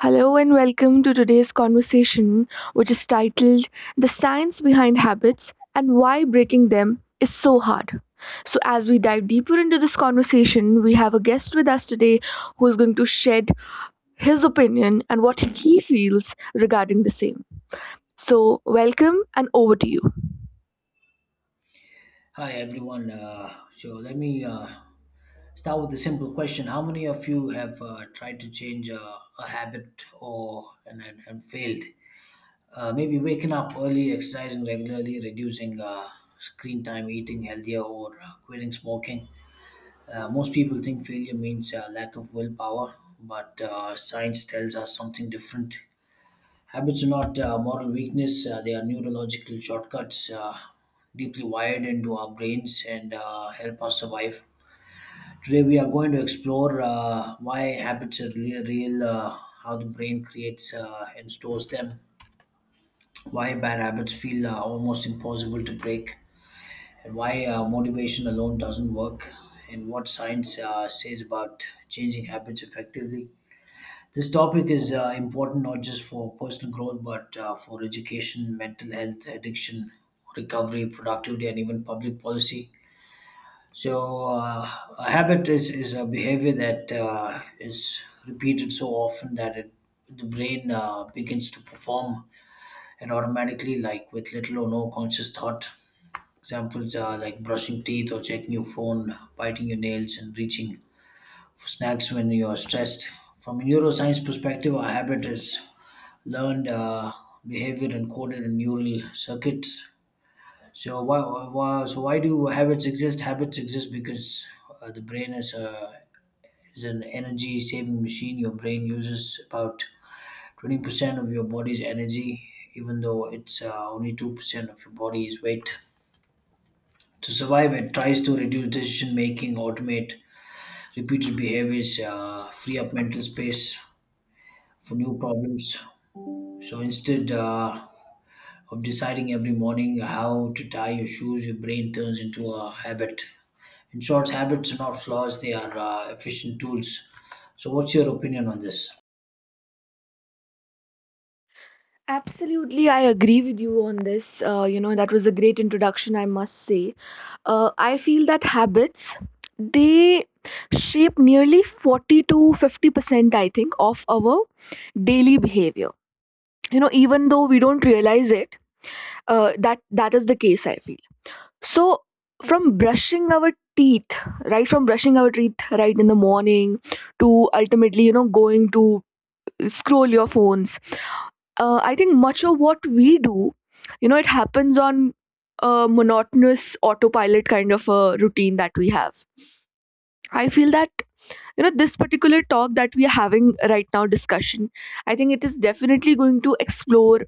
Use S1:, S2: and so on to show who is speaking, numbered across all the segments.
S1: Hello and welcome to today's conversation, which is titled The Science Behind Habits and Why Breaking Them is So Hard. So, as we dive deeper into this conversation, we have a guest with us today who is going to shed his opinion and what he feels regarding the same. So, welcome and over to you.
S2: Hi everyone. So let me start with a simple question. How many of you have tried to change a habit or and failed? Maybe waking up early, exercising regularly, reducing screen time, eating healthier, or quitting smoking. Most people think failure means lack of willpower, but science tells us something different. Habits are not moral weakness, they are neurological shortcuts deeply wired into our brains and help us survive. Today, we are going to explore why habits are really real, how the brain creates and stores them, why bad habits feel almost impossible to break, and why motivation alone doesn't work, and what science says about changing habits effectively. This topic is important not just for personal growth, but for education, mental health, addiction, recovery, productivity, and even public policy. So, uh, a habit is a behavior that is repeated so often that the brain begins to perform it automatically, like with little or no conscious thought. Examples are like brushing teeth or checking your phone, biting your nails, and reaching for snacks when you are stressed. From a neuroscience perspective, a habit is learned behavior encoded in neural circuits. So why do habits exist? Habits exist because the brain is an energy saving machine. Your brain uses about 20% of your body's energy, even though it's only 2% of your body's weight. To survive, it tries to reduce decision making, automate repeated behaviors, free up mental space for new problems. So instead of deciding every morning how to tie your shoes, your brain turns into a habit. In short, habits are not flaws; they are efficient tools. So, what's your opinion on this?
S1: Absolutely, I agree with you on this. That was a great introduction, I must say. I feel that habits, they shape nearly 40 to 50%, I think, of our daily behavior. You know, even though we don't realize it, that that is the case, I feel. So, from brushing our teeth, right, from brushing our teeth right in the morning to ultimately, you know, going to scroll your phones I think much of what we do, you know, it happens on a monotonous autopilot kind of a routine that we have. I feel that, you know, this particular talk that we are having right now, discussion, I think it is definitely going to explore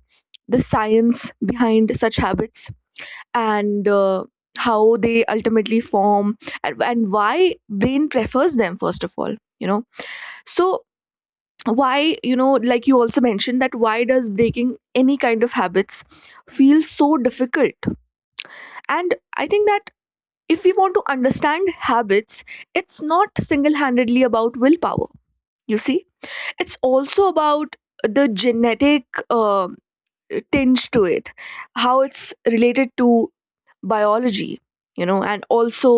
S1: the science behind such habits and how they ultimately form and why brain prefers them first of all, you know. So why, you know, like you also mentioned, that why does breaking any kind of habits feel so difficult, and I think that if we want to understand habits, it's not single-handedly about willpower, you see. It's also about the genetic um tinge to it, how it's related to biology, you know, and also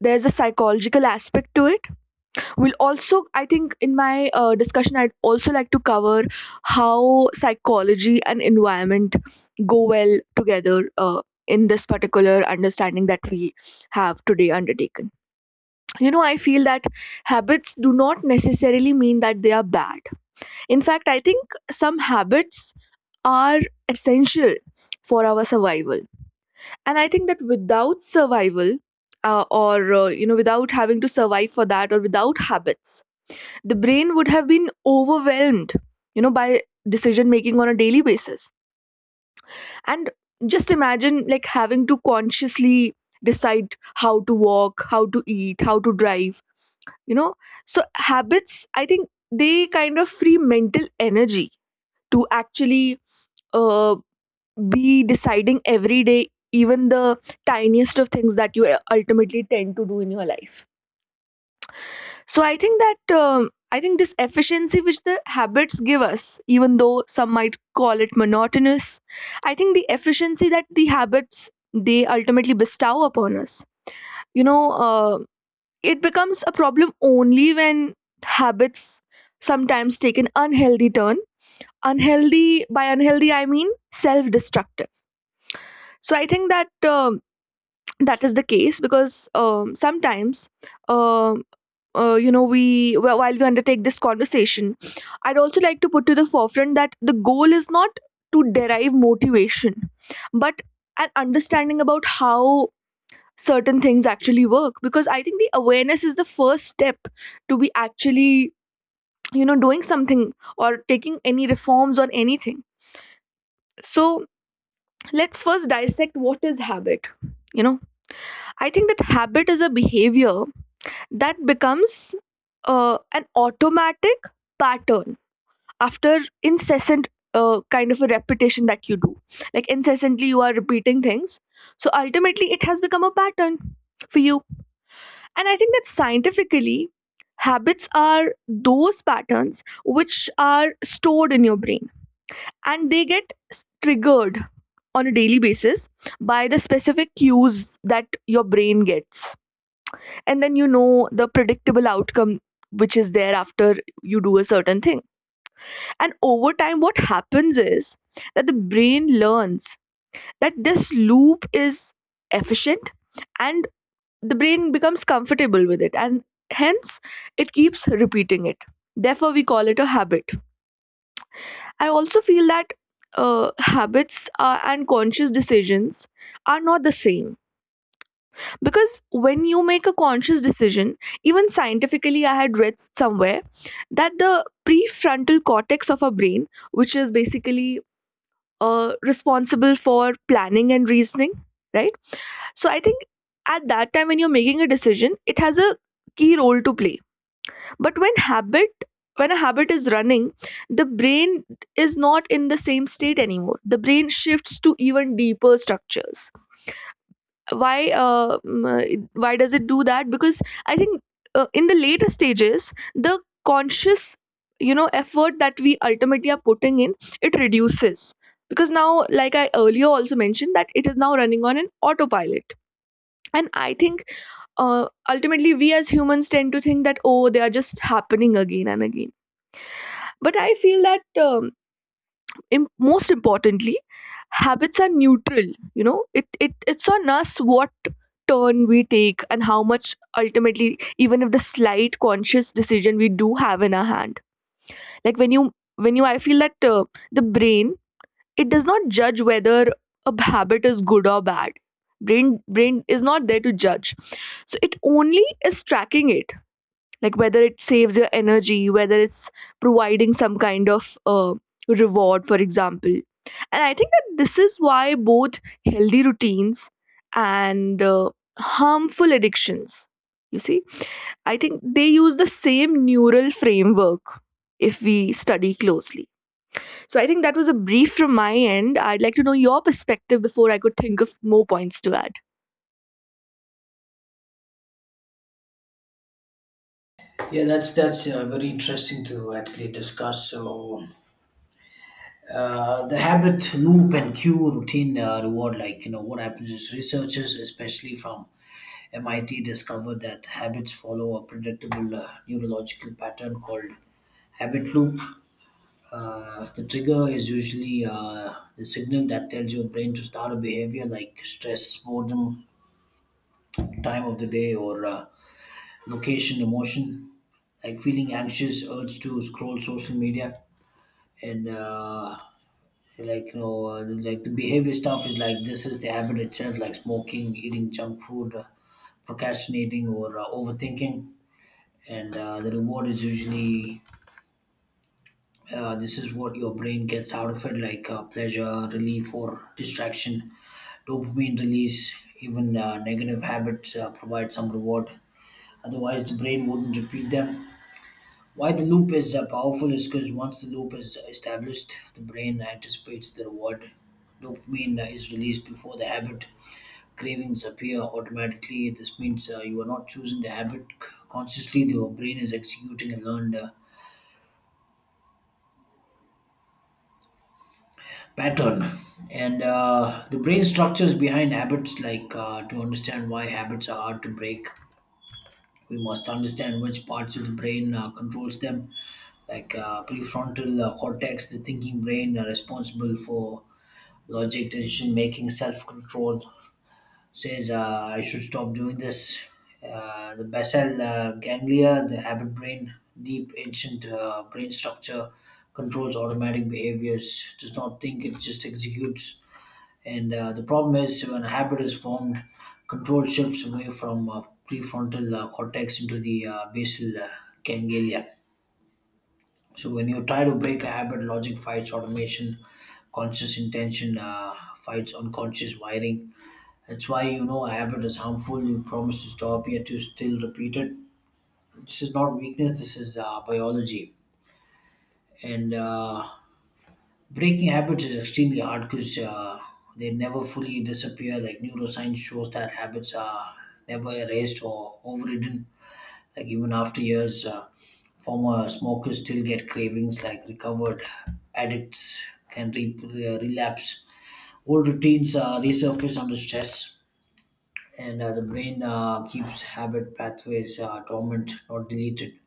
S1: there's a psychological aspect to it. We'll also, I think, in my discussion, I'd also like to cover how psychology and environment go well together in this particular understanding that we have today undertaken. You know, I feel that habits do not necessarily mean that they are bad. In fact, I think some habits are essential for our survival. And I think that without survival, or you know, without having to survive for that, or without habits, the brain would have been overwhelmed, you know, by decision making on a daily basis. And just imagine like having to consciously decide how to walk, how to eat, how to drive, you know. So habits, I think, they kind of free mental energy to actually, uh, be deciding every day even the tiniest of things that you ultimately tend to do in your life. So I think that I think this efficiency which the habits give us, even though some might call it monotonous, I think the efficiency that the habits they ultimately bestow upon us, you know, uh, it becomes a problem only when habits sometimes take an unhealthy turn. Unhealthy, by unhealthy I mean self-destructive. So I think that that is the case because, um sometimes um you know, while we undertake this conversation, I'd also like to put to the forefront that the goal is not to derive motivation but an understanding about how certain things actually work, because I think the awareness is the first step to be actually, you know, doing something or taking any reforms on anything. So let's first dissect what is habit, you know. I think that habit is a behavior that becomes an automatic pattern after incessant kind of a repetition that you do. Like incessantly you are repeating things, so ultimately it has become a pattern for you. And I think that scientifically, habits are those patterns which are stored in your brain, and they get triggered on a daily basis by the specific cues that your brain gets, and then, you know, the predictable outcome which is there after you do a certain thing. And over time, what happens is that the brain learns that this loop is efficient and the brain becomes comfortable with it. And hence, it keeps repeating it. Therefore, we call it a habit. I also feel that habits and conscious decisions are not the same, because when you make a conscious decision, even scientifically, I had read somewhere that the prefrontal cortex of our brain, which is basically responsible for planning and reasoning, right. So I think at that time when you're making a decision, it has a key role to play. But when a habit is running, the brain is not in the same state anymore. The brain shifts to even deeper structures. Why, why does it do that? Because I think, in the later stages, the conscious, you know, effort that we ultimately are putting in, it reduces, because now, like I earlier also mentioned, that it is now running on an autopilot. And I think ultimately we as humans tend to think that oh, they are just happening again and again. But I feel that most importantly, habits are neutral. You know, it's on us what turn we take and how much ultimately, even if the slight conscious decision we do have in our hand. Like I feel that the brain, it does not judge whether a habit is good or bad. Brain is not there to judge, so it only is tracking it, like whether it saves your energy, whether it's providing some kind of reward, for example. And I think that this is why both healthy routines and harmful addictions, you see, I think they use the same neural framework, if we study closely. So I think that was a brief from my end. I'd like to know your perspective before I could think of more points to add.
S2: Yeah, that's very interesting to actually discuss. So, the habit loop and cue routine reward, what happens is researchers, especially from MIT, discovered that habits follow a predictable neurological pattern called habit loop. The trigger is usually the signal that tells your brain to start a behavior like stress, boredom, time of the day, or location, emotion, like feeling anxious, urge to scroll social media, and like the behavior stuff is like this is the habit itself, like smoking, eating junk food, procrastinating, or overthinking. And the reward is usually this is what your brain gets out of it, like pleasure, relief, or distraction dopamine release, even negative habits provide some reward. Otherwise, the brain wouldn't repeat them. Why the loop is powerful is because once the loop is established, the brain anticipates the reward. Dopamine is released before the habit. Cravings appear automatically. This means you are not choosing the habit consciously. Your brain is executing a learned pattern. And the brain structures behind habits, like to understand why habits are hard to break, we must understand which parts of the brain controls them, like prefrontal cortex, the thinking brain, responsible for logic, decision making, self control, says I should stop doing this. The basal ganglia, the habit brain, deep ancient brain structure, controls automatic behaviors, does not think, it just executes. And uh, the problem is when a habit is formed, control shifts away from prefrontal cortex into the basal ganglia. So when you try to break a habit, logic fights automation, conscious intention fights unconscious wiring. That's why you know a habit is harmful. You promise to stop, yet you still repeat it. This is not weakness. This is biology. And Breaking habits is extremely hard because they never fully disappear. Like neuroscience shows that habits are never erased or overridden. Like even after years, former smokers still get cravings. Like recovered addicts can relapse. Old routines resurface under stress, and the brain keeps habit pathways dormant, not deleted.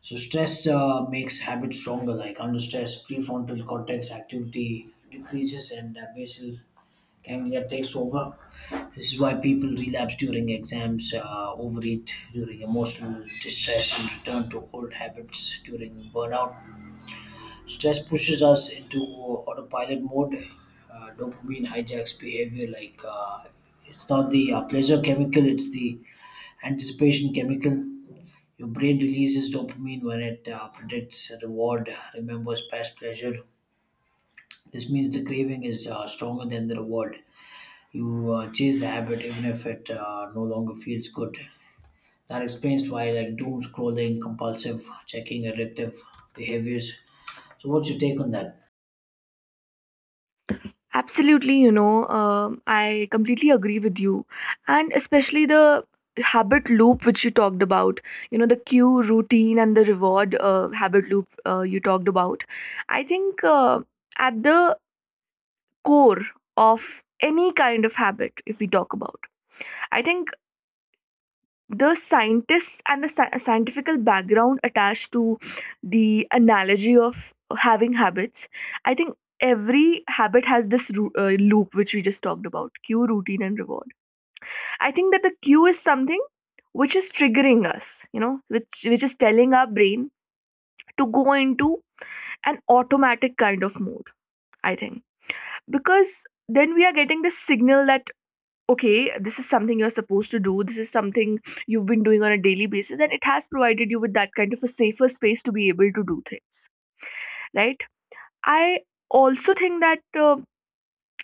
S2: So stress makes habits stronger. Like under stress, prefrontal cortex activity decreases and basal ganglia takes over. This is why people relapse during exams, overeat during emotional distress, and return to old habits during burnout. Stress pushes us into autopilot mode. Dopamine hijacks behavior. It's not the pleasure chemical; it's the anticipation chemical. Your brain releases dopamine when it predicts reward, remembers past pleasure. This means the craving is stronger than the reward. You chase the habit even if it no longer feels good. That explains why like doom scrolling, compulsive checking, addictive behaviors. So, what's your take on that?
S1: Absolutely, you know, I completely agree with you. And especially the habit loop which you talked about, you know, the cue, routine, and the reward habit loop you talked about. I think at the core of any kind of habit, if we talk about, I think the scientists and the scientific background attached to the analogy of having habits, I think every habit has this loop which we just talked about: cue, routine, and reward. I think that the cue is something which is triggering us, you know, which is telling our brain to go into an automatic kind of mode, I think, because then we are getting this signal that okay, this is something you're supposed to do, this is something you've been doing on a daily basis, and it has provided you with that kind of a safer space to be able to do things, right? I also think that uh,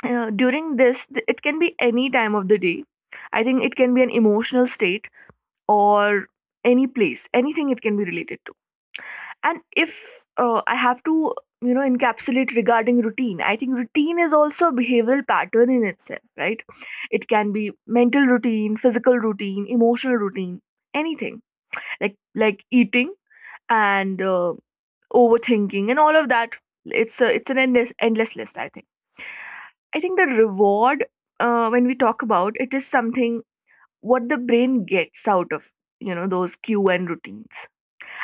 S1: uh, during this, it can be any time of the day. I think it can be an emotional state or any place, anything it can be related to. And if I have to, you know, encapsulate regarding routine, I think routine is also a behavioral pattern in itself, right? It can be mental routine, physical routine, emotional routine, anything, like like eating and overthinking and all of that. It's an endless list, I think. I think the reward, when we talk about it, is something what the brain gets out of, you know, those q and routines.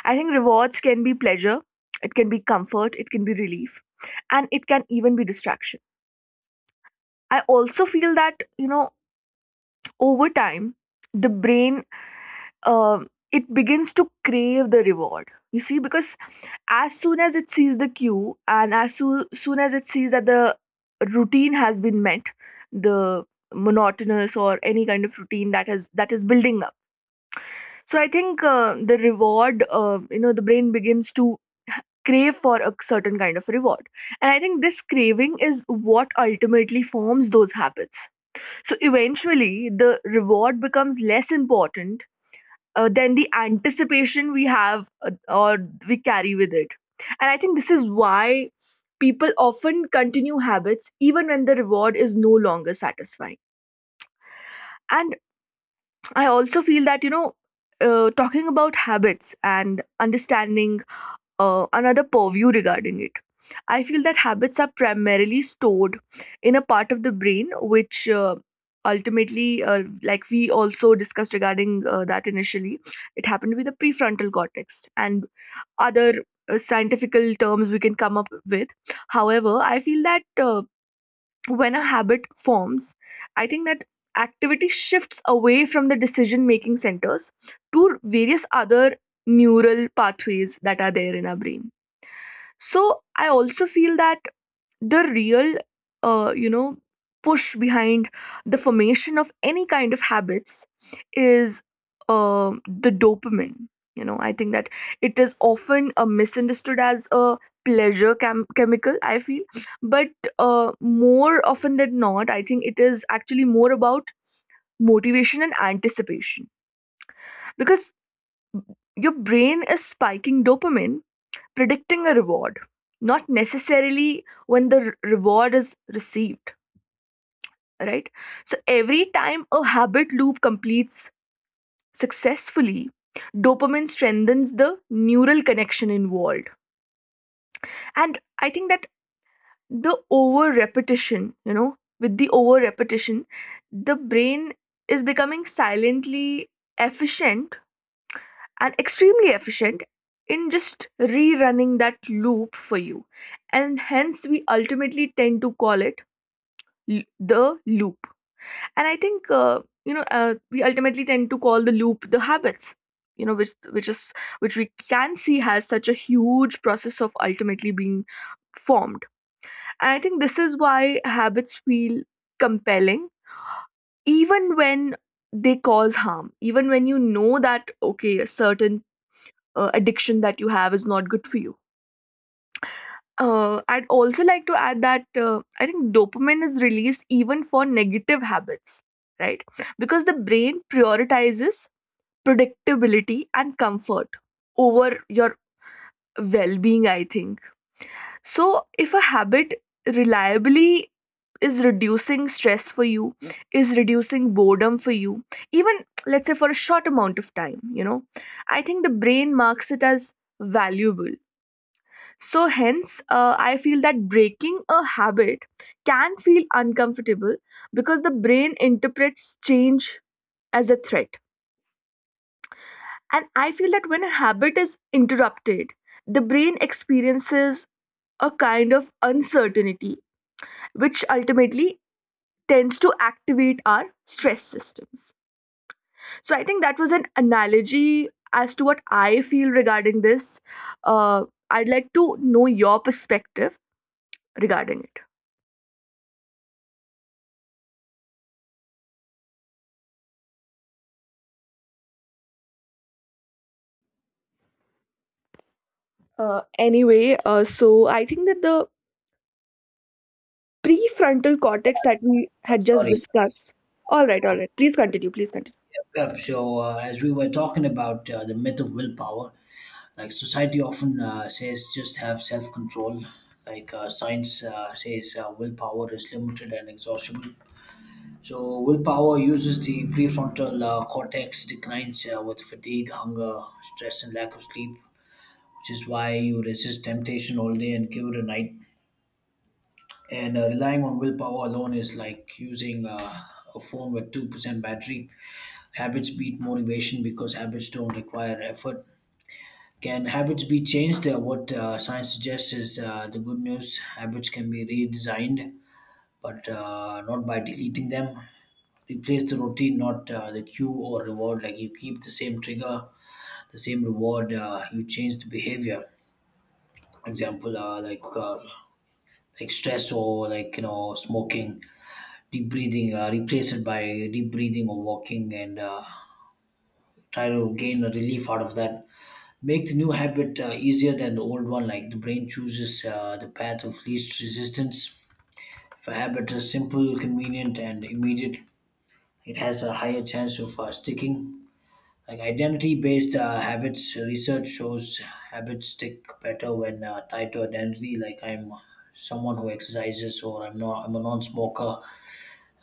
S1: I think rewards can be pleasure, it can be comfort, it can be relief, and it can even be distraction. I also feel that, you know, over time, the brain, it begins to crave the reward. You see, because as soon as it sees the cue, and as soon as it sees that the routine has been met, the monotonous or any kind of routine that has, that is building up, so I think the reward, you know, the brain begins to crave for a certain kind of reward. And I think this craving is what ultimately forms those habits. So eventually, the reward becomes less important than the anticipation we have, or we carry with it. And I think this is why people often continue habits even when the reward is no longer satisfying. And I also feel that, you know, talking about habits and understanding another purview regarding it, I feel that habits are primarily stored in a part of the brain which, like we also discussed regarding, that initially, it happened with the prefrontal cortex and other scientifical terms we can come up with. However, I feel that when a habit forms, I think that activity shifts away from the decision making centers to various other neural pathways that are there in our brain. So I also feel that the real uh, you know push behind the formation of any kind of habits is the dopamine. I think that it is often misunderstood as a chemical, I feel. But more often than not, I think it is actually more about motivation and anticipation, because your brain is spiking dopamine predicting a reward, not necessarily when the reward is received, right? So every time a habit loop completes successfully, dopamine strengthens the neural connection involved. And I think that the over repetition you know over repetition, the brain is becoming silently efficient, and extremely efficient in just rerunning that loop for you. And hence, we ultimately tend to call it the loop. And I think, we ultimately tend to call the loop the habits. You know, which we can see has such a huge process of ultimately being formed. And I think this is why habits feel compelling, even when they cause harm, even when you know that okay, a certain addiction that you have is not good for you. I'd also like to add that I think dopamine is released even for negative habits, right? Because the brain prioritizes predictability and comfort over your well being, I think. So if a habit reliably is reducing stress for you, is reducing boredom for you, even, let's say, for a short amount of time, I think the brain marks it as valuable. So, hence, I feel that breaking a habit can feel uncomfortable, because the brain interprets change as a threat. And I feel that when a habit is interrupted, the brain experiences a kind of uncertainty, which ultimately tends to activate our stress systems. So I think that was an analogy as to what I feel regarding this. Uh, I'd like to know your perspective regarding it. Anyway, so I think that the prefrontal cortex that we
S2: I'm
S1: had just
S2: sorry.
S1: discussed. All right, all right. Please continue. Please continue.
S2: Yep. So, as we were talking about the myth of willpower, like society often says, just have self control. Science says, willpower is limited and exhaustible. So, willpower uses the prefrontal cortex, declines with fatigue, hunger, stress, and lack of sleep, which is why you resist temptation all day and give it a night, and relying on willpower alone is like using a phone with 2% battery. Habits beat motivation because habits don't require effort. Can habits be changed? What science suggests is the good news, habits can be redesigned, but not by deleting them. Replace the routine, not the cue or reward. Like you keep the same trigger, the same reward, you change the behavior. Example, like stress or like smoking, deep breathing, replace it by deep breathing or walking, and try to gain a relief out of that. Make the new habit easier than the old one. Like, the brain chooses the path of least resistance. If a habit is simple, convenient and immediate, it has a higher chance of sticking. Like identity based habits, research shows habits stick better when tied to identity, like I'm someone who exercises, or I'm not I'm a non-smoker.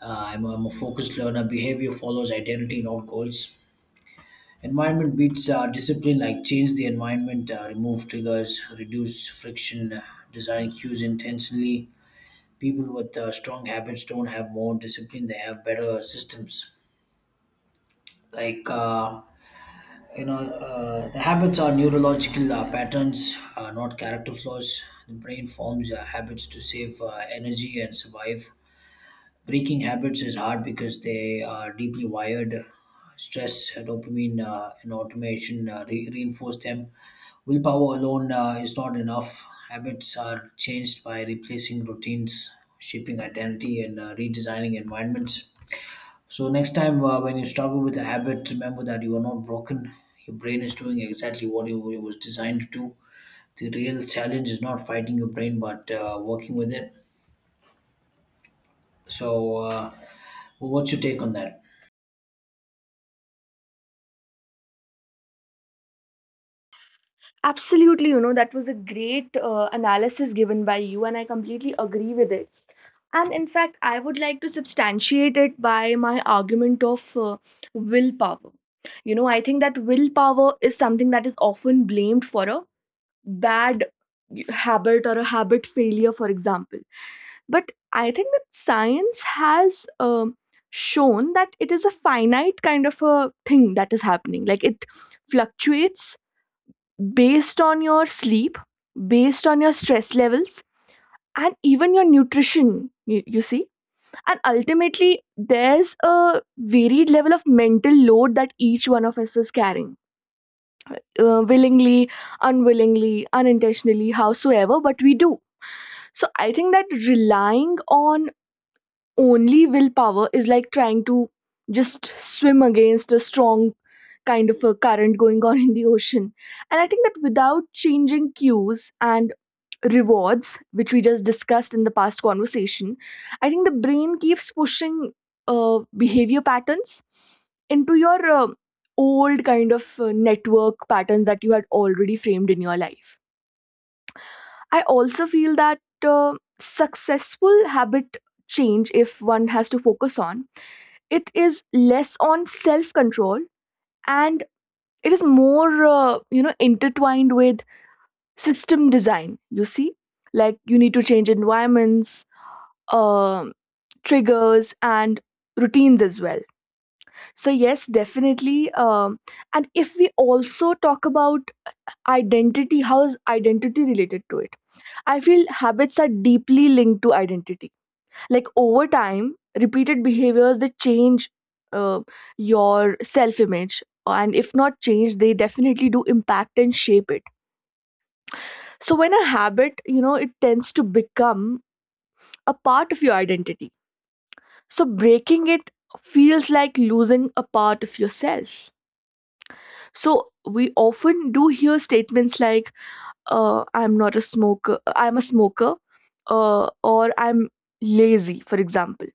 S2: I'm a focused learner. Behavior follows identity, not goals. Environment beats discipline. Like, change the environment, remove triggers, reduce friction, design cues intentionally. People with strong habits don't have more discipline, they have better systems. Like, uh, the habits are neurological patterns, not character flaws. The brain forms habits to save energy and survive. Breaking habits is hard because they are deeply wired. Stress, dopamine, and automation reinforce them. Willpower alone is not enough. Habits are changed by replacing routines, shaping identity, and redesigning environments. So, next time when you struggle with a habit, remember that you are not broken. Your brain is doing exactly what it was designed to do. The real challenge is not fighting your brain, but working with it. So, what's your take on that?
S1: Absolutely, you know, that was a great analysis given by you, and I completely agree with it. And in fact, I would like to substantiate it by my argument of willpower. You know, I think that willpower is something that is often blamed for a bad habit or a habit failure, for example. But I think that science has, um, shown that it is a finite kind of a thing that is happening. Like, it fluctuates based on your sleep, based on your stress levels, and even your nutrition, you see. And ultimately, there's a varied level of mental load that each one of us is carrying, willingly, unwillingly, unintentionally, howsoever, but we do. So I think that relying on only willpower is like trying to just swim against a strong kind of a current going on in the ocean. And I think that without changing cues and rewards, which we just discussed in the past conversation, I think the brain keeps pushing behavior patterns into your old kind of network patterns that you had already framed in your life. I also feel that successful habit change, if one has to focus on, it is less on self control and it is more, intertwined with system design. You see, like, you need to change environments, um triggers, and routines as well. So, yes, definitely. And if we also talk about identity, how is identity related to it? I feel habits are deeply linked to identity. Like, over time, repeated behaviors, they change uh, your self image and if not change, they definitely do impact and shape it. So when a habit, you know, it tends to become a part of your identity, so breaking it feels like losing a part of yourself. So we often do hear statements like, I'm not a smoker, I'm a smoker, or I'm lazy, for example,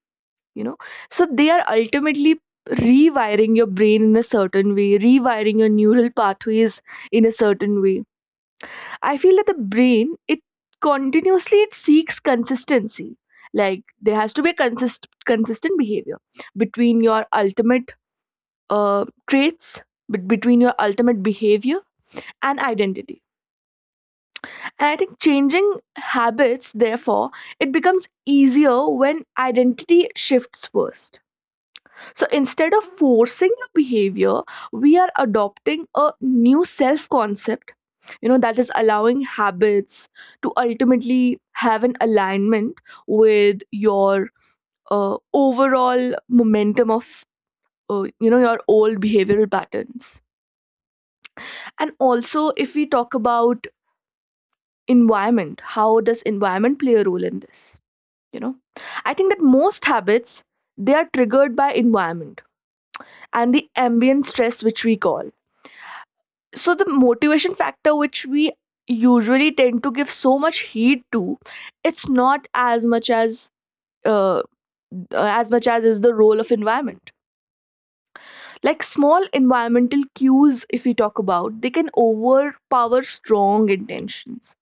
S1: you know. So they are ultimately rewiring your brain in a certain way, rewiring your neural pathways in a certain way. I feel that the brain, it continuously, it seeks consistency. Like, there has to be a consistent behavior between your ultimate uh, traits, but between your ultimate behavior and identity. And I think changing habits, therefore, it becomes easier when identity shifts first. So instead of forcing your behavior, we are adopting a new self concept, you know, that is allowing habits to ultimately have an alignment with your overall momentum of, your old behavioral patterns. And also, if we talk about environment, how does environment play a role in this? You know, I think that most habits, they are triggered by environment and the ambient stress, which we call. So the motivation factor, which we usually tend to give so much heed to, it's not as much as, uh, as much as is the role of environment. Like, small environmental cues, if we talk about, they can overpower strong intentions.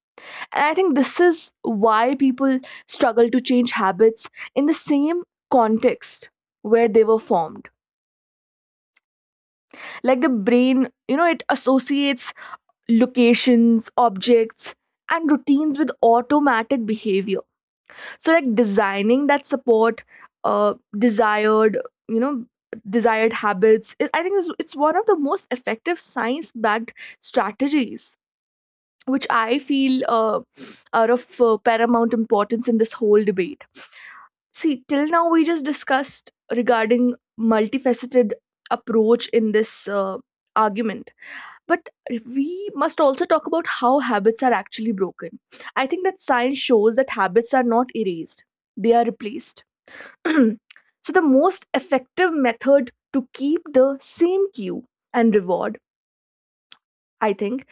S1: And I think this is why people struggle to change habits in the same context where they were formed. Like, the brain, you know, it associates locations, objects, and routines with automatic behavior. So, like, designing that support desired, you know, desired habits. I think it's one of the most effective science-backed strategies, which I feel are of paramount importance in this whole debate. See, till now we just discussed regarding multifaceted approach in this argument, but we must also talk about how habits are actually broken. I think that science shows that habits are not erased, they are replaced. So, the most effective method to keep the same cue and reward, I think,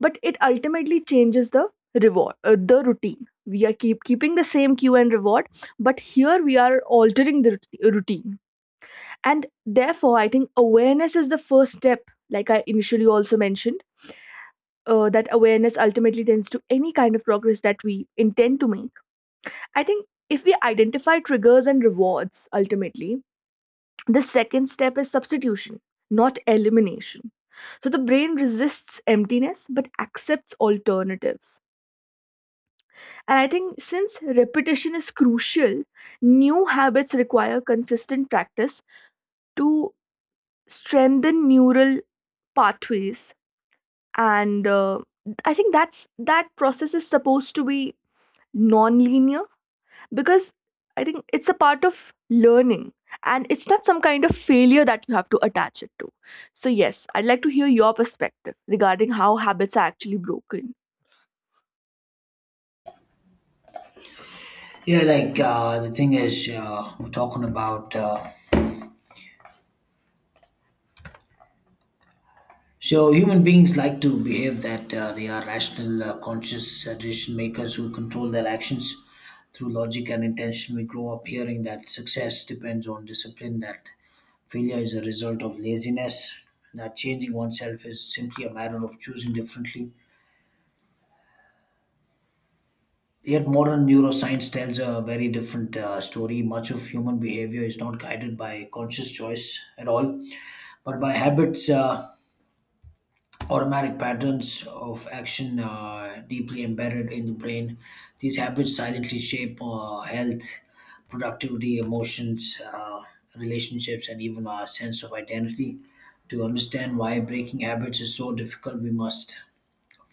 S1: but it ultimately changes the reward, the routine. We are keeping the same cue and reward, but here we are altering the routine. And therefore, I think awareness is the first step, like I initially also mentioned that awareness ultimately tends to any kind of progress that we intend to make. I think if we identify triggers and rewards ultimately, the second step is substitution, not elimination. So the brain resists emptiness but accepts alternatives. And I think since repetition is crucial, new habits require consistent practice to strengthen neural pathways. And I think that's, that process is supposed to be non-linear, because I think it's a part of learning, and it's not some kind of failure that you have to attach it to. So, yes, I'd like to hear your perspective regarding how habits are actually broken.
S2: Yeah, like the thing is, we're talking about so human beings like to behave that they are rational, conscious decision makers who control their actions through logic and intention. We grow up hearing that success depends on discipline, that failure is a result of laziness, that changing oneself is simply a matter of choosing differently. Yet modern neuroscience tells a very different story. Much of human behavior is not guided by conscious choice at all, but by habits, automatic patterns of action deeply embedded in the brain. These habits silently shape health, productivity, emotions, relationships, and even our sense of identity. To understand why breaking habits is so difficult, we must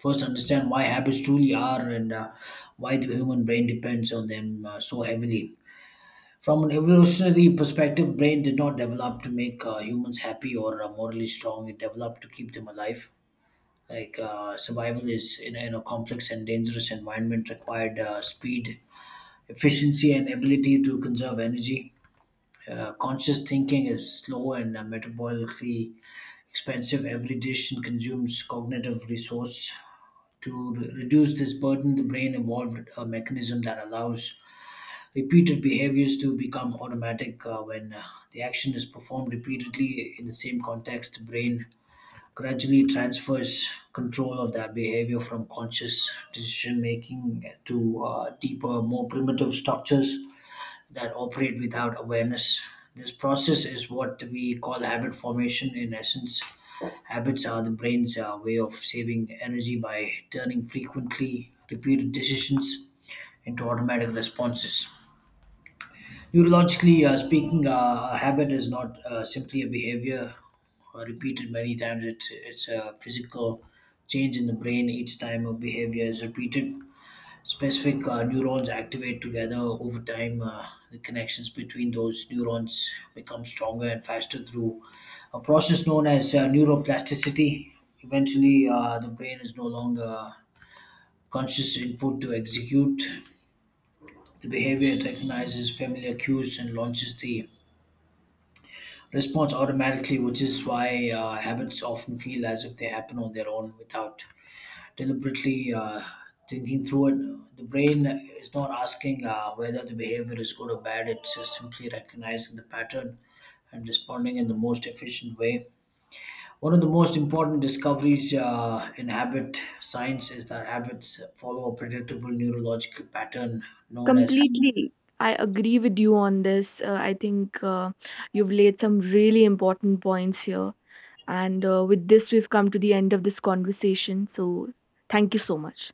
S2: first understand why habits truly are, and why the human brain depends on them so heavily. From an evolutionary perspective, brain did not develop to make humans happy or morally strong, it developed to keep them alive. Survival in a complex and dangerous environment required speed, efficiency and ability to conserve energy. Conscious thinking is slow and metabolically expensive. Every decision consumes cognitive resource. To reduce this burden, the brain evolved a mechanism that allows repeated behaviors to become automatic. When the action is performed repeatedly in the same context, the brain gradually transfers control of that behavior from conscious decision making to deeper, more primitive structures that operate without awareness. This process is what we call habit formation. In essence, habits are the brain's way of saving energy by turning frequently repeated decisions into automatic responses. Neurologically speaking, a habit is not simply a behavior repeated many times. It's a physical change in the brain. Each time a behavior is repeated, specific neurons activate together. Over time, the connections between those neurons become stronger and faster through a process known as neuroplasticity. Eventually, the brain is no longer conscious input to execute the behavior. It recognizes familiar cues and launches the response automatically, which is why habits often feel as if they happen on their own without deliberately thinking through it. The brain is not asking whether the behavior is good or bad, it's just simply recognizing the pattern and responding in the most efficient way. One of the most important discoveries in habit science is that habits follow a predictable neurological pattern known as
S1: Completely. I agree with you on this. I think, you've laid some really important points here. And with this, we've come to the end of this conversation. So, thank you so much.